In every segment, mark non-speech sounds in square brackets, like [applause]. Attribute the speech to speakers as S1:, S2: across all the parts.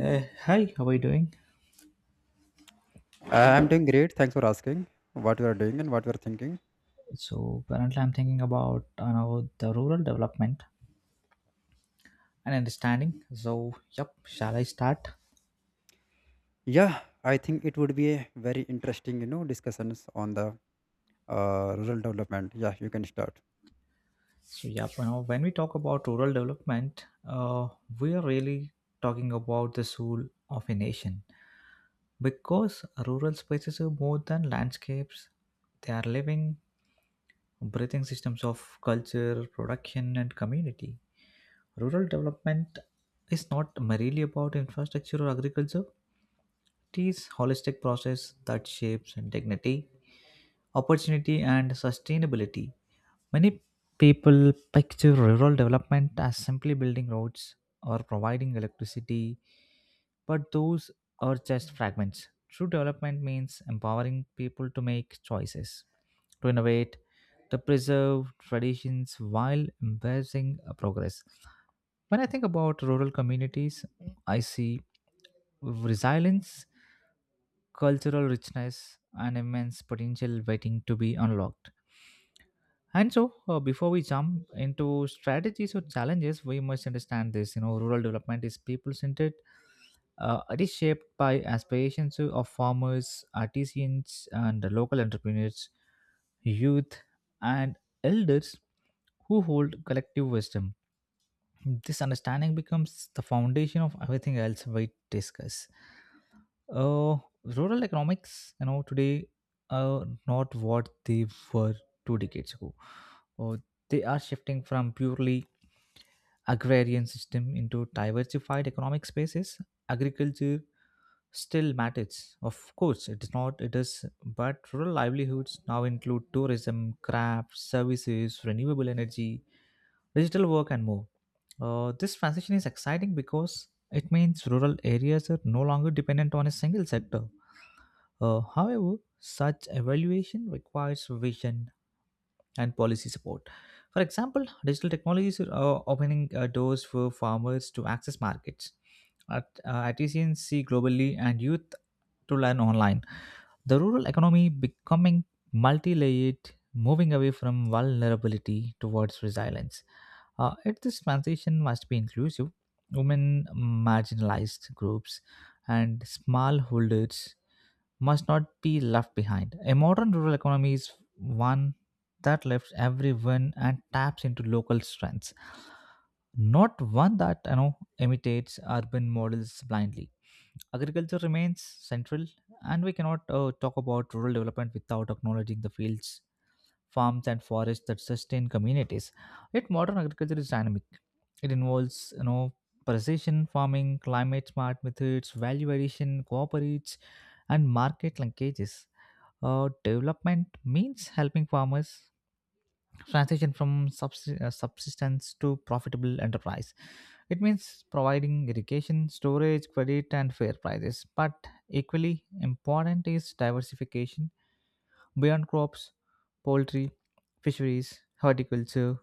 S1: Hi, how are you doing?
S2: I'm doing great. Thanks for asking what you are doing and what you are thinking.
S1: So currently, I'm thinking about you know the rural development and understanding. So yep, shall I start?
S2: Yeah, I think it would be a very interesting, you know, discussions on the rural development. Yeah, you can start.
S1: So yep, you know when we talk about rural development, we are really talking about the soul of a nation because rural spaces are more than landscapes. They are living, breathing systems of culture, production, and community. Rural development is not merely about infrastructure or agriculture teach holistic process that shapes dignity, opportunity, and sustainability. Many people picture rural development as simply building roads or providing electricity, but those are just fragments. True development means empowering people to make choices, to innovate, to preserve traditions while embracing progress. When I think about rural communities, I see resilience cultural richness and immense potential waiting to be unlocked. And so, before we jump into strategies or challenges, we must understand this. You know, rural development is people-centered. It is shaped by aspirations of farmers, artisans, and local entrepreneurs, youth, and elders who hold collective wisdom. This understanding becomes the foundation of everything else we discuss uh, rural economics, you know, today are not what they were two decades ago. Uh, they are shifting from purely agrarian system into diversified economic spaces. Agriculture still matters, of course. It is not. It is, but rural livelihoods now include tourism, crafts, services, renewable energy, digital work, and more. This transition is exciting because it means rural areas are no longer dependent on a single sector however, such evaluation requires vision and policy support. For example, digital technologies are opening doors for farmers to access markets. Artisans see globally and youth to learn online. The rural economy becoming multi-layered, moving away from vulnerability towards resilience. Yet this transition must be inclusive. Women, marginalized groups, and smallholders must not be left behind. A modern rural economy is one that lifts everyone and taps into local strengths, not one that you know imitates urban models blindly. Agriculture remains central, and we cannot talk about rural development without acknowledging the fields, farms, and forests that sustain communities. Yet, modern agriculture is dynamic. It involves you know precision farming, climate smart methods, value addition, cooperates, and market linkages. Development means helping farmers transition from subsistence to profitable enterprise. It means providing irrigation, storage, credit, and fair prices. But equally important is diversification beyond crops, poultry, fisheries, horticulture,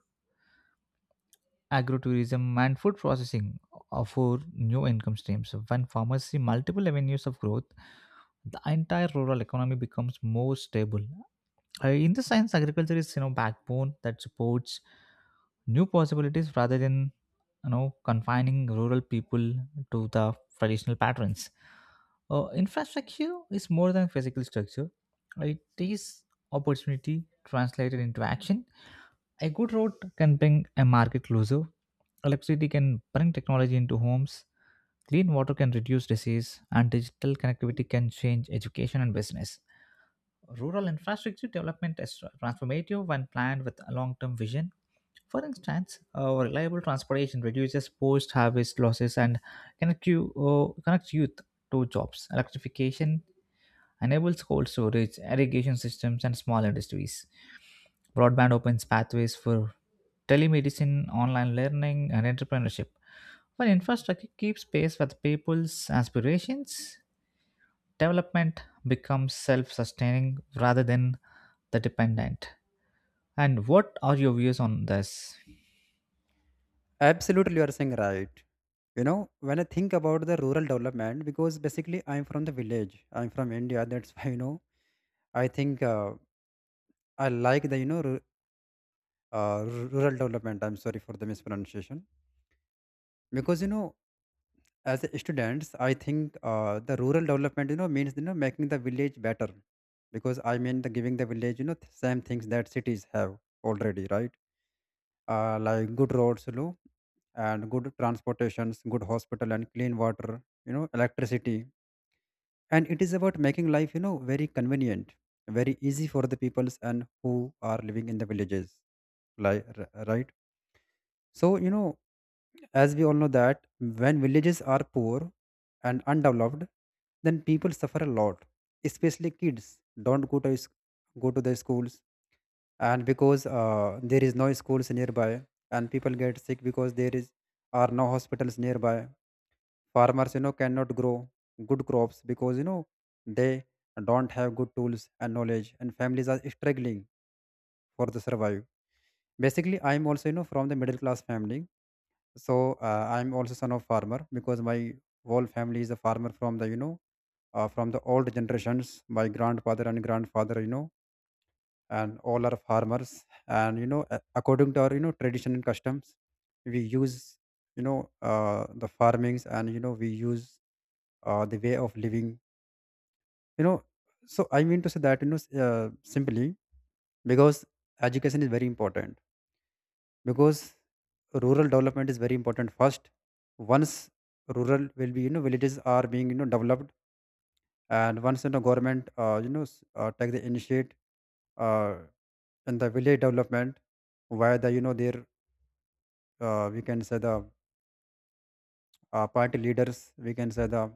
S1: agrotourism, and food processing offer new income streams. When farmers see multiple avenues of growth, the entire rural economy becomes more stable. In the science, agriculture is you know backbone that supports new possibilities rather than you know confining rural people to the traditional patterns. Infrastructure is more than physical structure; it is opportunity translated into action. A good road can bring a market closer. Electricity can bring technology into homes. Clean water can reduce disease, and digital connectivity can change education and business rural infrastructure development is transformative when planned with a long term vision. For instance, reliable transportation reduces post harvest losses and connects youth to jobs. Electrification enables cold storage, irrigation systems, and small industries. Broadband opens pathways for telemedicine, online learning, and entrepreneurship. When infrastructure keeps pace with people's aspirations, development becomes self sustaining rather than the dependent. And what are your views on this?
S2: Absolutely, you are saying right. You know, when I think about the rural development, because basically I'm from the village. I'm from India. That's [laughs] why you know. I think I like the you know uh, rural development. I'm sorry for the mispronunciation because you know as students I think the rural development you know means you know making the village better because I mean the giving the village you know same things that cities have already, right? Like good roads you know and good transportations, good hospital and clean water, you know electricity, and it is about making life you know very convenient, very easy for the peoples and who are living in the villages, like right. So, you know, as we all know that when villages are poor and undeveloped, then people suffer a lot, especially kids don't go to, go to the schools. And because there is no schools nearby and people get sick because there is are no hospitals nearby. Farmers, you know, cannot grow good crops because, you know, they don't have good tools and knowledge, and families are struggling for the survive. Basically, I'm also, you know, from the middle class family. So I'm also son of farmer because my whole family is a farmer from the you know from the old generations. My grandfather and grandfather, you know, and all are farmers. And you know, according to our you know tradition and customs, we use you know the farmings, and you know we use the way of living you know. So I mean to say that you know simply, because education is very important, because rural development is very important first. Once rural will be you know villages are being you know developed, and once you know government you know take the initiate uh, in the village development, where the you know their we can say the party leaders, we can say the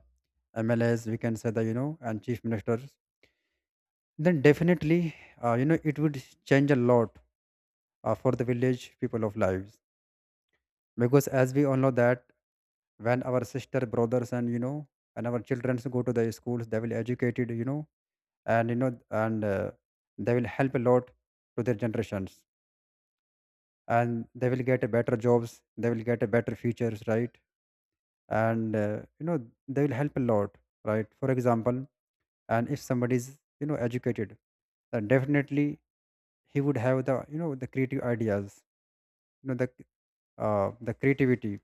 S2: mlas, we can say the you know and chief ministers, then definitely you know it would change a lot for the village people of lives. Because as we all know that when our sister brothers and you know and our children go to the schools, they will educated you know. And you know and they will help a lot to their generations, and they will get a better jobs, they will get a better futures, right? And you know, they will help a lot, right? For example, and if somebody is you know educated, then definitely he would have the you know the creative ideas, you know the creativity.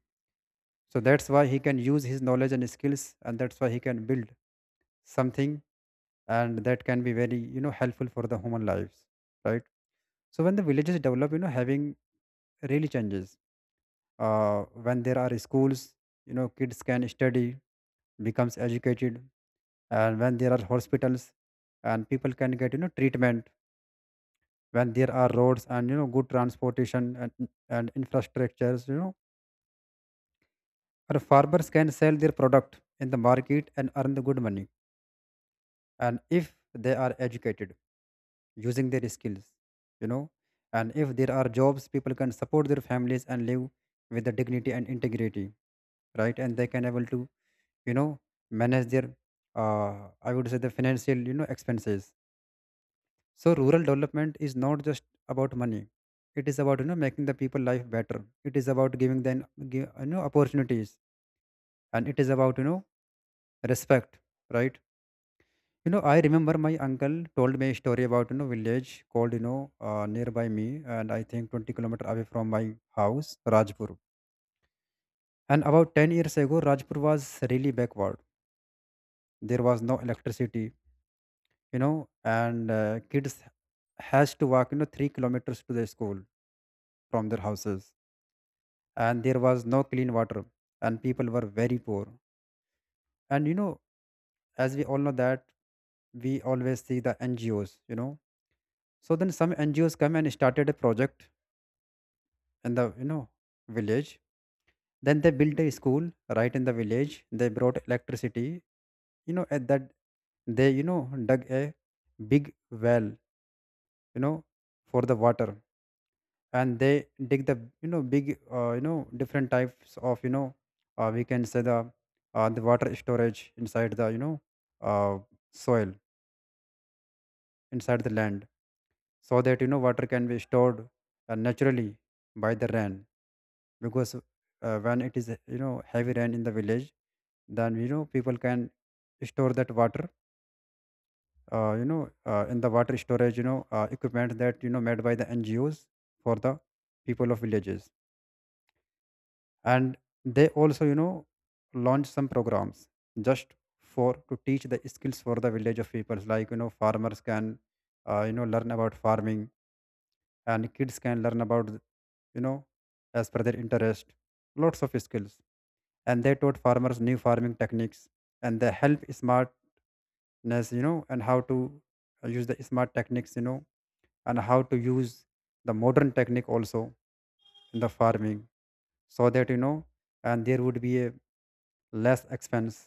S2: So that's why he can use his knowledge and skills, and that's why he can build something, and that can be very you know helpful for the human lives, right? So when the villages develop you know having really changes. uh, when there are schools, you know kids can study, becomes educated. And when there are hospitals, and people can get you know treatment. When there are roads and you know good transportation and infrastructures, you know our farmers can sell their product in the market and earn the good money, and if they are educated, using their skills, you know. And if there are jobs, people can support their families and live with the dignity and integrity, right? And they can able to, you know, manage their, I would say, the financial, you know, expenses. So rural development is not just about money. It is about you know making the people life better. It is about giving them you know opportunities, and it is about you know respect, right? You know, I remember my uncle told me a story about, you know, village called, you know, nearby me, and I think 20 kilometers kilometer away from my house, Rajpur. And about 10 years ago, Rajpur was really backward. There was no electricity, you know, and kids has to walk, you know, 3 kilometers to the school from their houses. And there was no clean water and people were very poor. And, you know, as we all know that we always see the NGOs, you know. So then some NGOs come and started a project in the you know village. Then they built a school right in the village. They brought electricity, you know. At that, they you know dug a big well, you know, for the water. And they dig the you know big you know different types of you know we can say the water storage inside the you know uh, soil, inside the land, so that you know water can be stored naturally by the rain. Because when it is you know heavy rain in the village, then you know people can store that water you know in the water storage you know equipment that you know made by the ngos for the people of villages. And they also you know launch some programs just for to teach the skills for the village of people, like you know farmers can you know learn about farming, and kids can learn about you know as per their interest lots of skills. And they taught farmers new farming techniques, and they help smartness, you know, and how to use the smart techniques, you know, and how to use the modern technique also in the farming, so that you know and there would be a less expense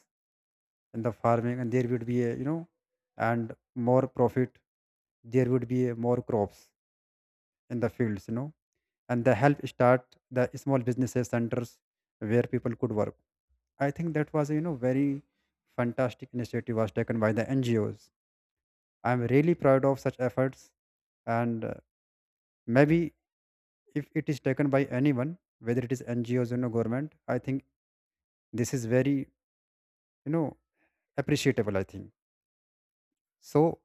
S2: in the farming, and there would be a you know and more profit, there would be a more crops in the fields you know. And they help start the small businesses centers where people could work. I think that was, a you know, very fantastic initiative was taken by the NGOs. I'm really proud of such efforts, and maybe if it is taken by anyone, whether it is NGOs or no government, I think this is very, you know, appreciable. I think so.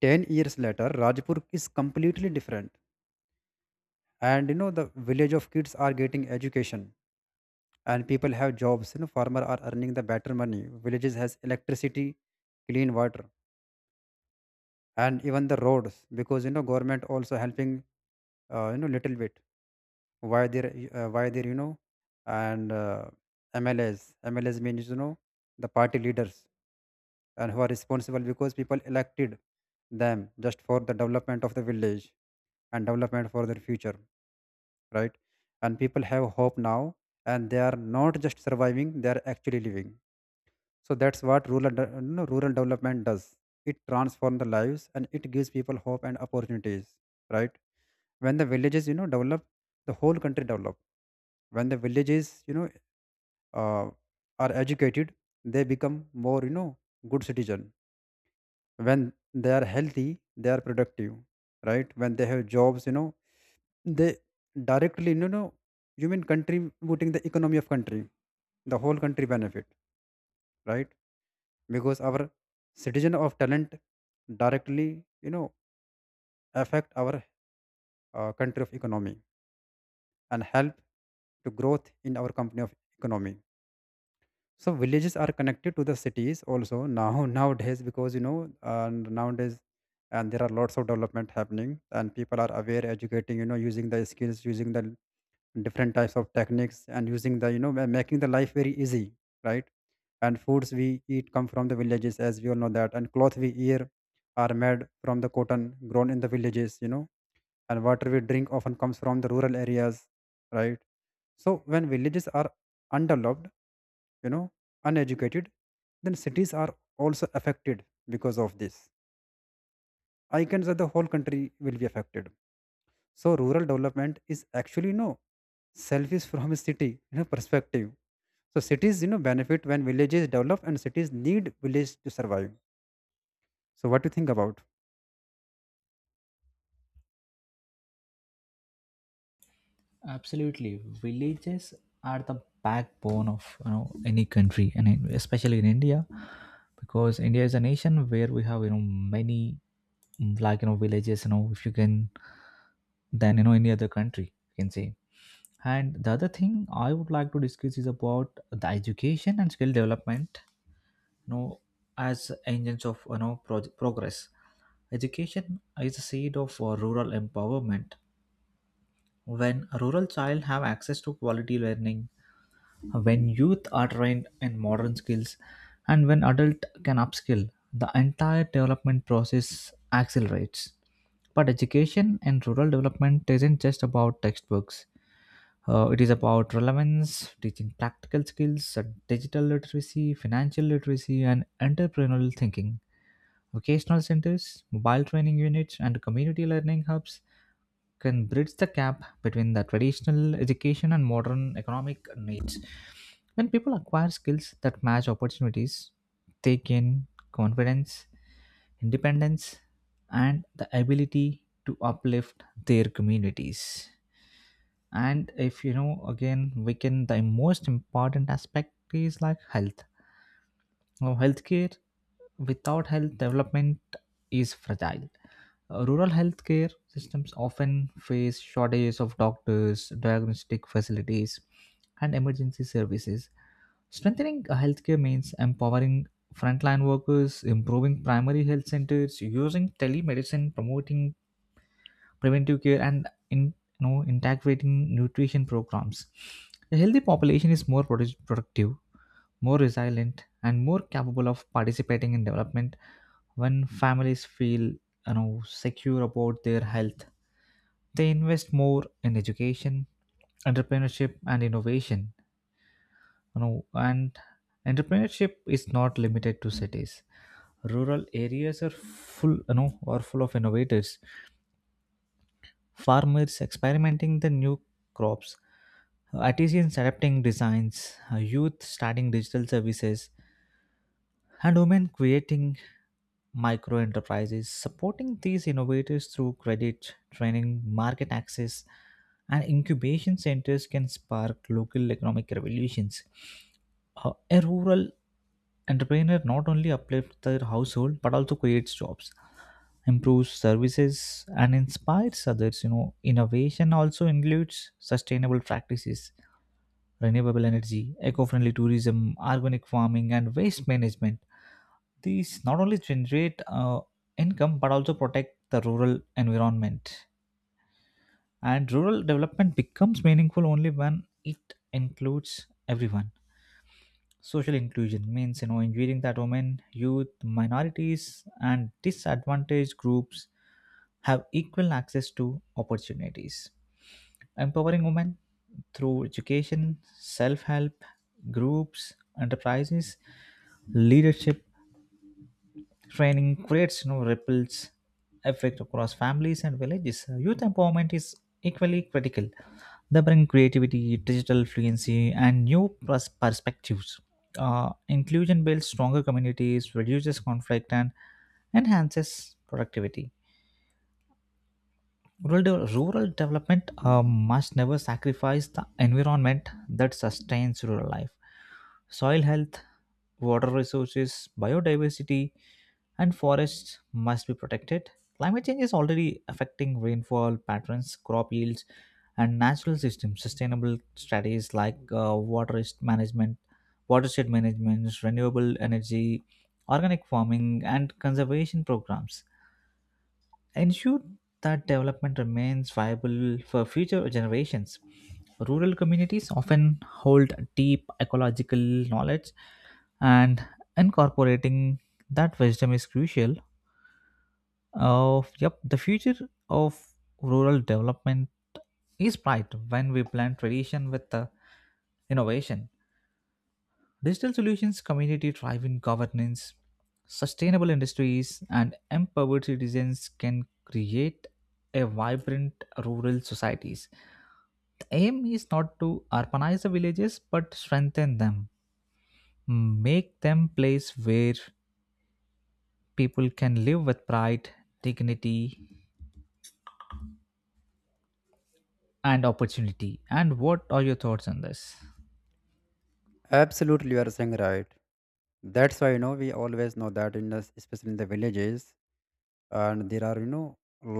S2: 10 years later, Rajpur is completely different, and you know, the village of kids are getting education, and people have jobs. You know, farmer are earning the better money. Villages has electricity, clean water and even the roads, because you know government also helping you know little bit, why they're you know and mls, mls means you know the party leaders, and who are responsible, because people elected them just for the development of the village and development for their future, right? And people have hope now, and they are not just surviving, they are actually living. So that's what you know, rural development does. It transforms the lives, and it gives people hope and opportunities, right? When the villages you know develop, the whole country develop. When the villages you know uh, are educated, they become more you know good citizen. When they are healthy, they are productive, right? When they have jobs, you know they directly you know you mean contributing the economy of country, the whole country benefit, right? Because our citizen of talent directly you know affect our country of economy, and help to growth in our company of economy. So villages are connected to the cities also now nowadays, because you know and nowadays, and there are lots of development happening, and people are aware educating you know using the skills, using the different types of techniques, and using the you know making the life very easy, right? And foods we eat come from the villages, as we all know that, and cloth we wear are made from the cotton grown in the villages you know, and water we drink often comes from the rural areas, right? So when villages are undeveloped, you know uneducated, then cities are also affected. Because of this I can say the whole country will be affected. So rural development is actually no selfish from a city you know perspective. So cities you know benefit when villages develop, and cities need village to survive. So what do you think about?
S1: Absolutely, villages are the backbone of you know any country, and especially in India, because India is a nation where we have you know many like you know villages. You know, if you can, than you know any other country, you can say. And the other thing I would like to discuss is about the education and skill development. You know, as engines of you know progress. Education is the seed of rural empowerment when a rural child have access to quality learning when youth are trained in modern skills and when adult can upskill the entire development process accelerates but education in rural development isn't just about textbooks. It is about relevance teaching practical skills digital literacy financial literacy and entrepreneurial thinking. Vocational centers, mobile training units, and community learning hubs can bridge the gap between the traditional education and modern economic needs. When people acquire skills that match opportunities, they gain confidence, independence, and the ability to uplift their communities. And if you know, again, we can, the most important aspect is like health now, healthcare without health development is fragile. Rural healthcare systems often face shortages of doctors, diagnostic facilities, and emergency services. Strengthening a healthcare means empowering frontline workers, improving primary health centers, using telemedicine, promoting preventive care, and in, you know, integrating nutrition programs. A healthy population is more productive, more resilient and more capable of participating in development when families feel you know secure about their health they invest more in education entrepreneurship and innovation you know and entrepreneurship is not limited to cities rural areas are full you know are full of innovators farmers experimenting the new crops artisans adapting designs youth starting digital services and women creating micro enterprises, supporting these innovators through credit, training, market access, and incubation centers can spark local economic revolutions. A rural entrepreneur not only uplifts their household but also creates jobs, improves services, and inspires others. You know, innovation also includes sustainable practices, renewable energy, eco-friendly tourism, organic farming, and waste management these not only generate income but also protect the rural environment. And rural development becomes meaningful only when it includes everyone. Social inclusion means you know ensuring that women, youth, minorities, and disadvantaged groups have equal access to opportunities. Empowering women through education, self help, groups, enterprises, leadership, training creates you know, ripples effect across families and villages. Youth empowerment is equally critical. They bring creativity, digital fluency, and new perspectives. Inclusion builds stronger communities, reduces conflict, and enhances productivity. Rural development must never sacrifice the environment that sustains rural life. Soil health, water resources, biodiversity, and forests must be protected. Climate change is already affecting rainfall patterns, crop yields, and natural systems. Sustainable strategies like management, watershed management, renewable energy, organic farming, and conservation programs ensure that development remains viable for future generations. Rural communities often hold deep ecological knowledge, and incorporating that wisdom is crucial. Of yep, the future of rural development is bright when we blend tradition with the innovation. Digital solutions, community driven governance, sustainable industries, and empowered citizens can create a vibrant rural societies. The aim is not to urbanize the villages but strengthen them. Make them place where people can live with pride, dignity, and opportunity. And what are your thoughts on this?
S2: Absolutely, you are saying right. That's why you know we always know that in the especially in the villages, and there are you know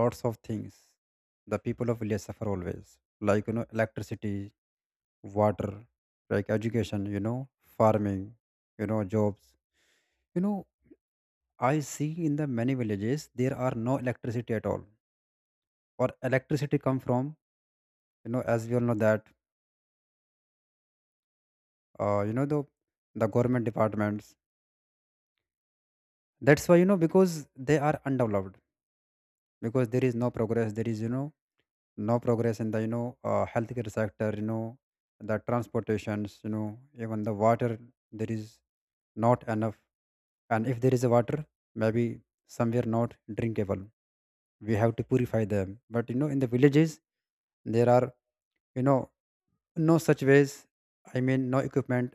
S2: lots of things the people of village suffer always, like you know electricity, water, like education, you know, farming, you know, jobs. You know, I see in the many villages there are no electricity at all, or electricity come from you know as we all know that you know the government departments. That's why you know, because they are undeveloped, because there is no progress. There is no progress in the healthcare sector. The transportations. Even the water there is not enough, and if there is a water, maybe somewhere not drinkable, we have to purify them. But you know, in the villages there are you know no such ways, I mean no equipment,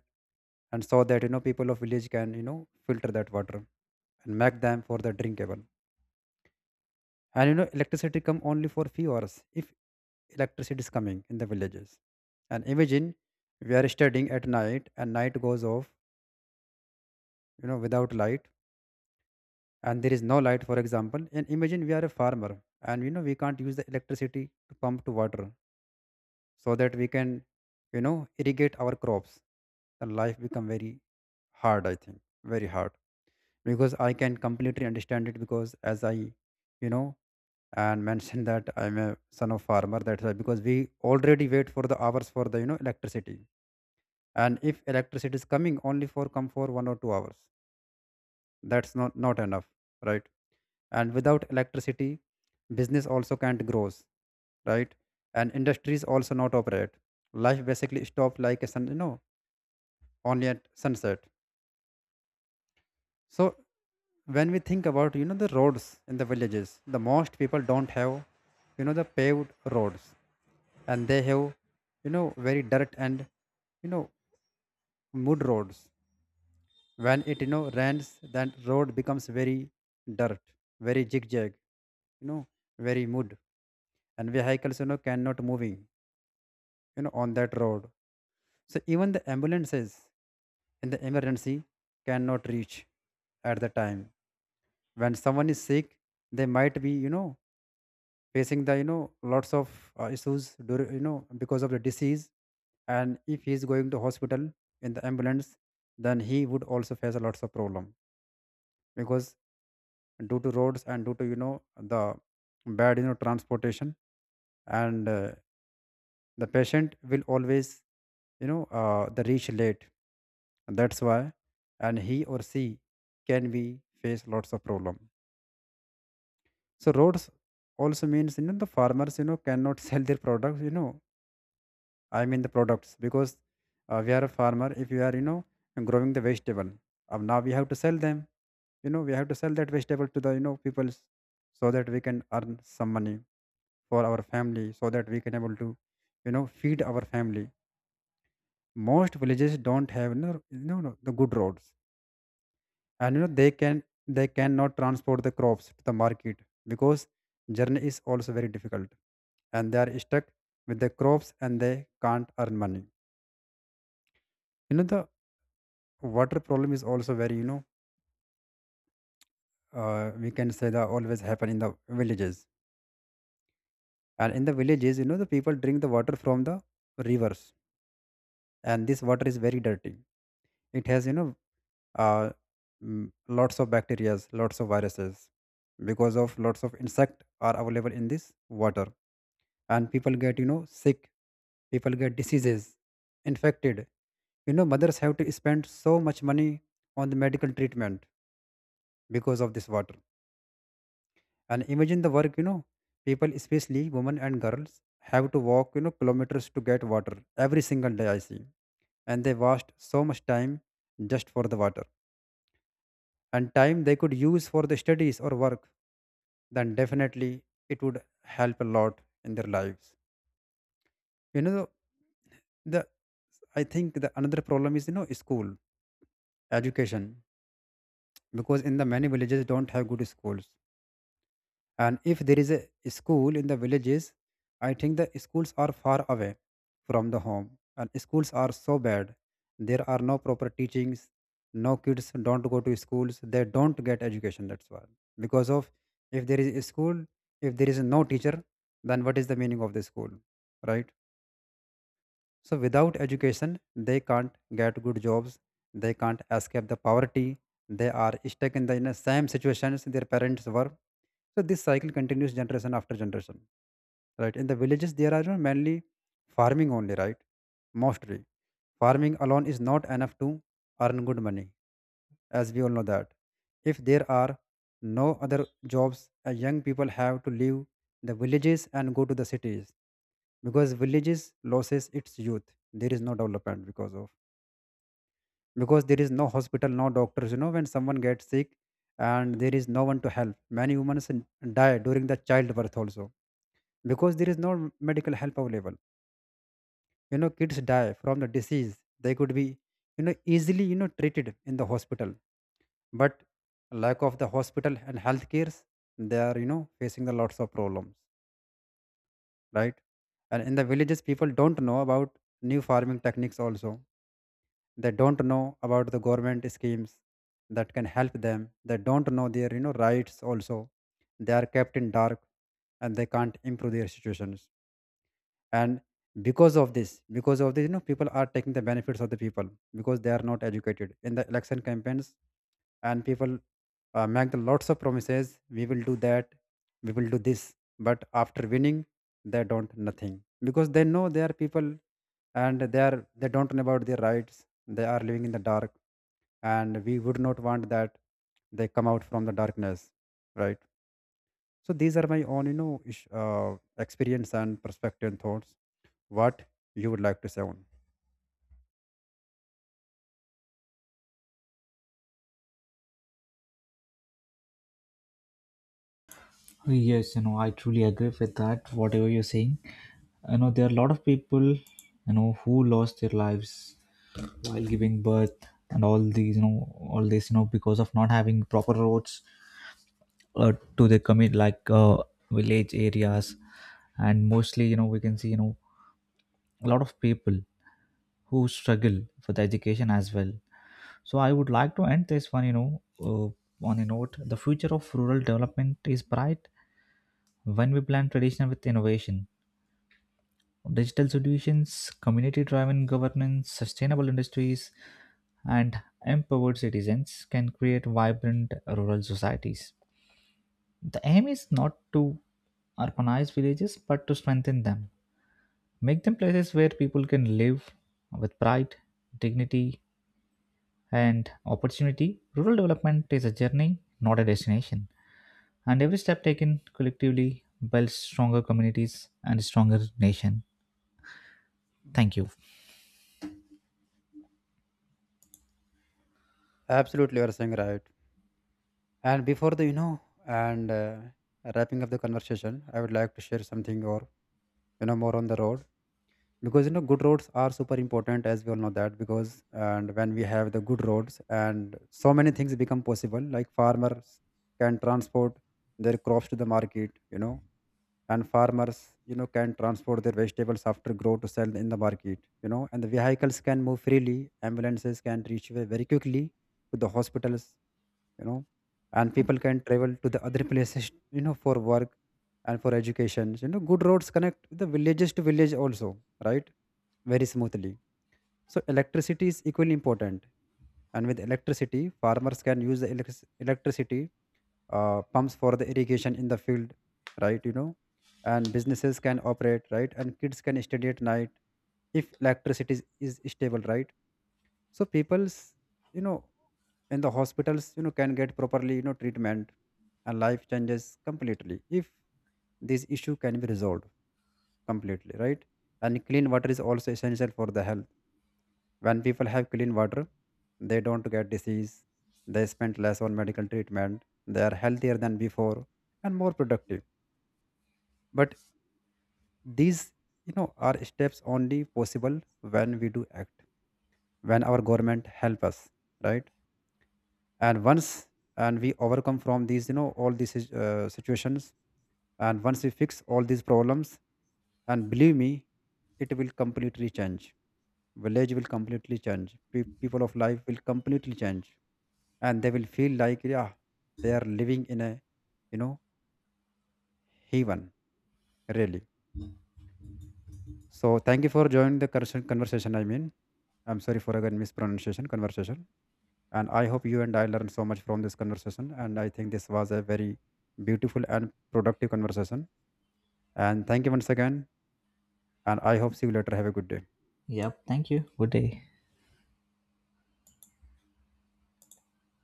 S2: and so that you know, people of village can filter that water and make them for the drinkable. And you know, electricity come only for few hours, if electricity is coming in the villages. And imagine we are studying at night and night goes off, you know, without light, and there is no light, for example. And imagine we are a farmer, and you know, we can't use the electricity to pump to water so that we can, you know, irrigate our crops. Then life become very hard, I think. Very hard. Because I can completely understand it, because as I, you know and [laughs] mentioned that I'm a son of farmer. That's why, because we already wait for the hours for the electricity. And if electricity is coming only for come for 1 or 2 hours, that's not not enough, right? And without electricity, business also can't grow, right? And industries also not operate. Life basically stop like a sun, you know, only at sunset. So when we think about, you know, the roads in the villages, the most people don't have, the paved roads. And they have, you know, very dirt and, you know mud roads. When it, you know, rains, then road becomes very dirt, very zigzag, you know, very mud. And vehicles, you know, cannot moving, you know, on that road. So even the ambulances, in the emergency, cannot reach at the time. When someone is sick, they might be, you know, facing the, lots of issues, you know, because of the disease. And if he is going to hospital in the ambulance, then he would also face a lots of problem, because due to roads and due to, you know, the bad, transportation, and the patient will always, the reach late, that's why. And he or she can be face lots of problem. So roads also means, you know, the farmers, you know, cannot [laughs] sell their products, I mean the products. Because we are a farmer, if you are, you know, growing the vegetable, now we have to sell them. You know, we have to sell that vegetable to the, people, so that we can earn some money for our family, so that we can able to, you know, feed our family. Most villages don't have, you know, the good roads. And you know, they cannot transport the crops to the market, because journey is also very difficult. And they are stuck with the crops, and they can't earn money. You know, the water problem is also very, we can say that, always happen in the villages. And in the villages, you know, the people drink the water from the rivers, and this water is very dirty. It has, you know, uh, mm, lots of bacteria, lots of viruses, because of lots of insect are available in this water. And people get, you know, sick. People get diseases, infected. You know, mothers have to spend so much money on the medical treatment because of this water. And imagine the work, you know, people, especially women and girls, have to walk, you know, kilometers to get water every single day, I see. And they waste so much time just for the water, and time they could use for the studies or work. Then definitely it would help a lot in their lives. You know, the I think the another problem is, you know, school, education. Because in the many villages don't have good schools. And if there is a school in the villages, I think the schools are far away from the home, and schools are so bad. There are no proper teachings. No kids don't go to schools. They don't get education. That's why, because of, if there is a school, if there is no teacher, then what is the meaning of the school, right? So without education, they can't get good jobs, they can't escape the poverty, they are stuck in the same situations their parents were. So this cycle continues generation after generation. Right. In the villages there are, you know, mainly farming only, right? Mostly. Farming alone is not enough to earn good money. As we all know that, if there are no other jobs, young people have to leave the villages and go to the cities, because villages loses its youth. There is no development, because there is no hospital, no doctors. You know, when someone gets sick and there is no one to help, many women die during the childbirth also, because there is no medical help available. You know, kids die from the disease they could be, you know, easily, you know, treated in the hospital. But lack of the hospital and health cares, they are, you know, facing the lots of problems, right? And in the villages, people don't know about new farming techniques also. They don't know about the government schemes that can help them. They don't know their, you know, rights also. They are kept in dark, and they can't improve their situations. And because of this, you know, people are taking the benefits of the people, because they are not educated. In the election campaigns, and people, make the lots of promises. We will do that, we will do this, but after winning, they don't nothing, because they know they are people. And they don't know about their rights, they are living in the dark. And we would not want that. They come out from the darkness, right? So these are my own, you know, experience and perspective and thoughts. What you would like to say on,
S1: Yes, you know, I truly agree with that, whatever you're saying. You know, there are a lot of people, you know, who lost their lives while giving birth and all these, you know, all this, you know, because of not having proper roads to the commit like village areas. And mostly, you know, we can see, you know, a lot of people who struggle for the education as well. So I would like to end this one, you know, on a note. The future of rural development is bright when we blend tradition with innovation. Digital solutions, community driven governance, sustainable industries, and empowered citizens can create vibrant rural societies. The aim is not to urbanize villages but to strengthen them, make them places where people can live with pride, dignity, and opportunity, rural development is a journey, not a destination. And every step taken collectively builds stronger communities and a stronger nation. Thank you.
S2: absolutely, you're saying right. And before the, you know and wrapping up the conversation, I would like to share something, or you know, more on the road. Because, you know, good roads are super important, as we all know that. Because, and when we have the good roads, and so many things become possible. Like farmers can transport their crops to the market, you know. And farmers, you know, can transport their vegetables after grow to sell in the market, you know. And the vehicles can move freely, ambulances can reach very quickly to the hospitals, you know. And people can travel to the other places, you know, for work and for education. You know, good roads connect the villages to village also, right? Very smoothly. So electricity is equally important. And with electricity, farmers can use the electricity pumps for the irrigation in the field, right? You know, and businesses can operate, right? And kids can study at night if electricity is stable, right? So people's, you know, in the hospitals, you know, can get properly, you know, treatment. And life changes completely if this issue can be resolved completely, right? And clean water is also essential for the health. When people have clean water, they don't get disease, they spend less on medical treatment, they are healthier than before and more productive. But these, you know, are steps only possible when we do act, when our government help us, right? And once and we overcome from these, you know, all these situations, and once we fix all these problems, and believe me, it will completely change. Village will completely change. People of life will completely change. And they will feel like, yeah, they are living in a, you know, heaven, really. So thank you for joining the conversation, I mean, I'm sorry for again mispronunciation, conversation. And I hope you and I learned so much from this conversation, and I think this was a very beautiful and productive conversation. And thank you once again. And I hope see you later, have a good day.
S1: Yep. Thank you. Good day.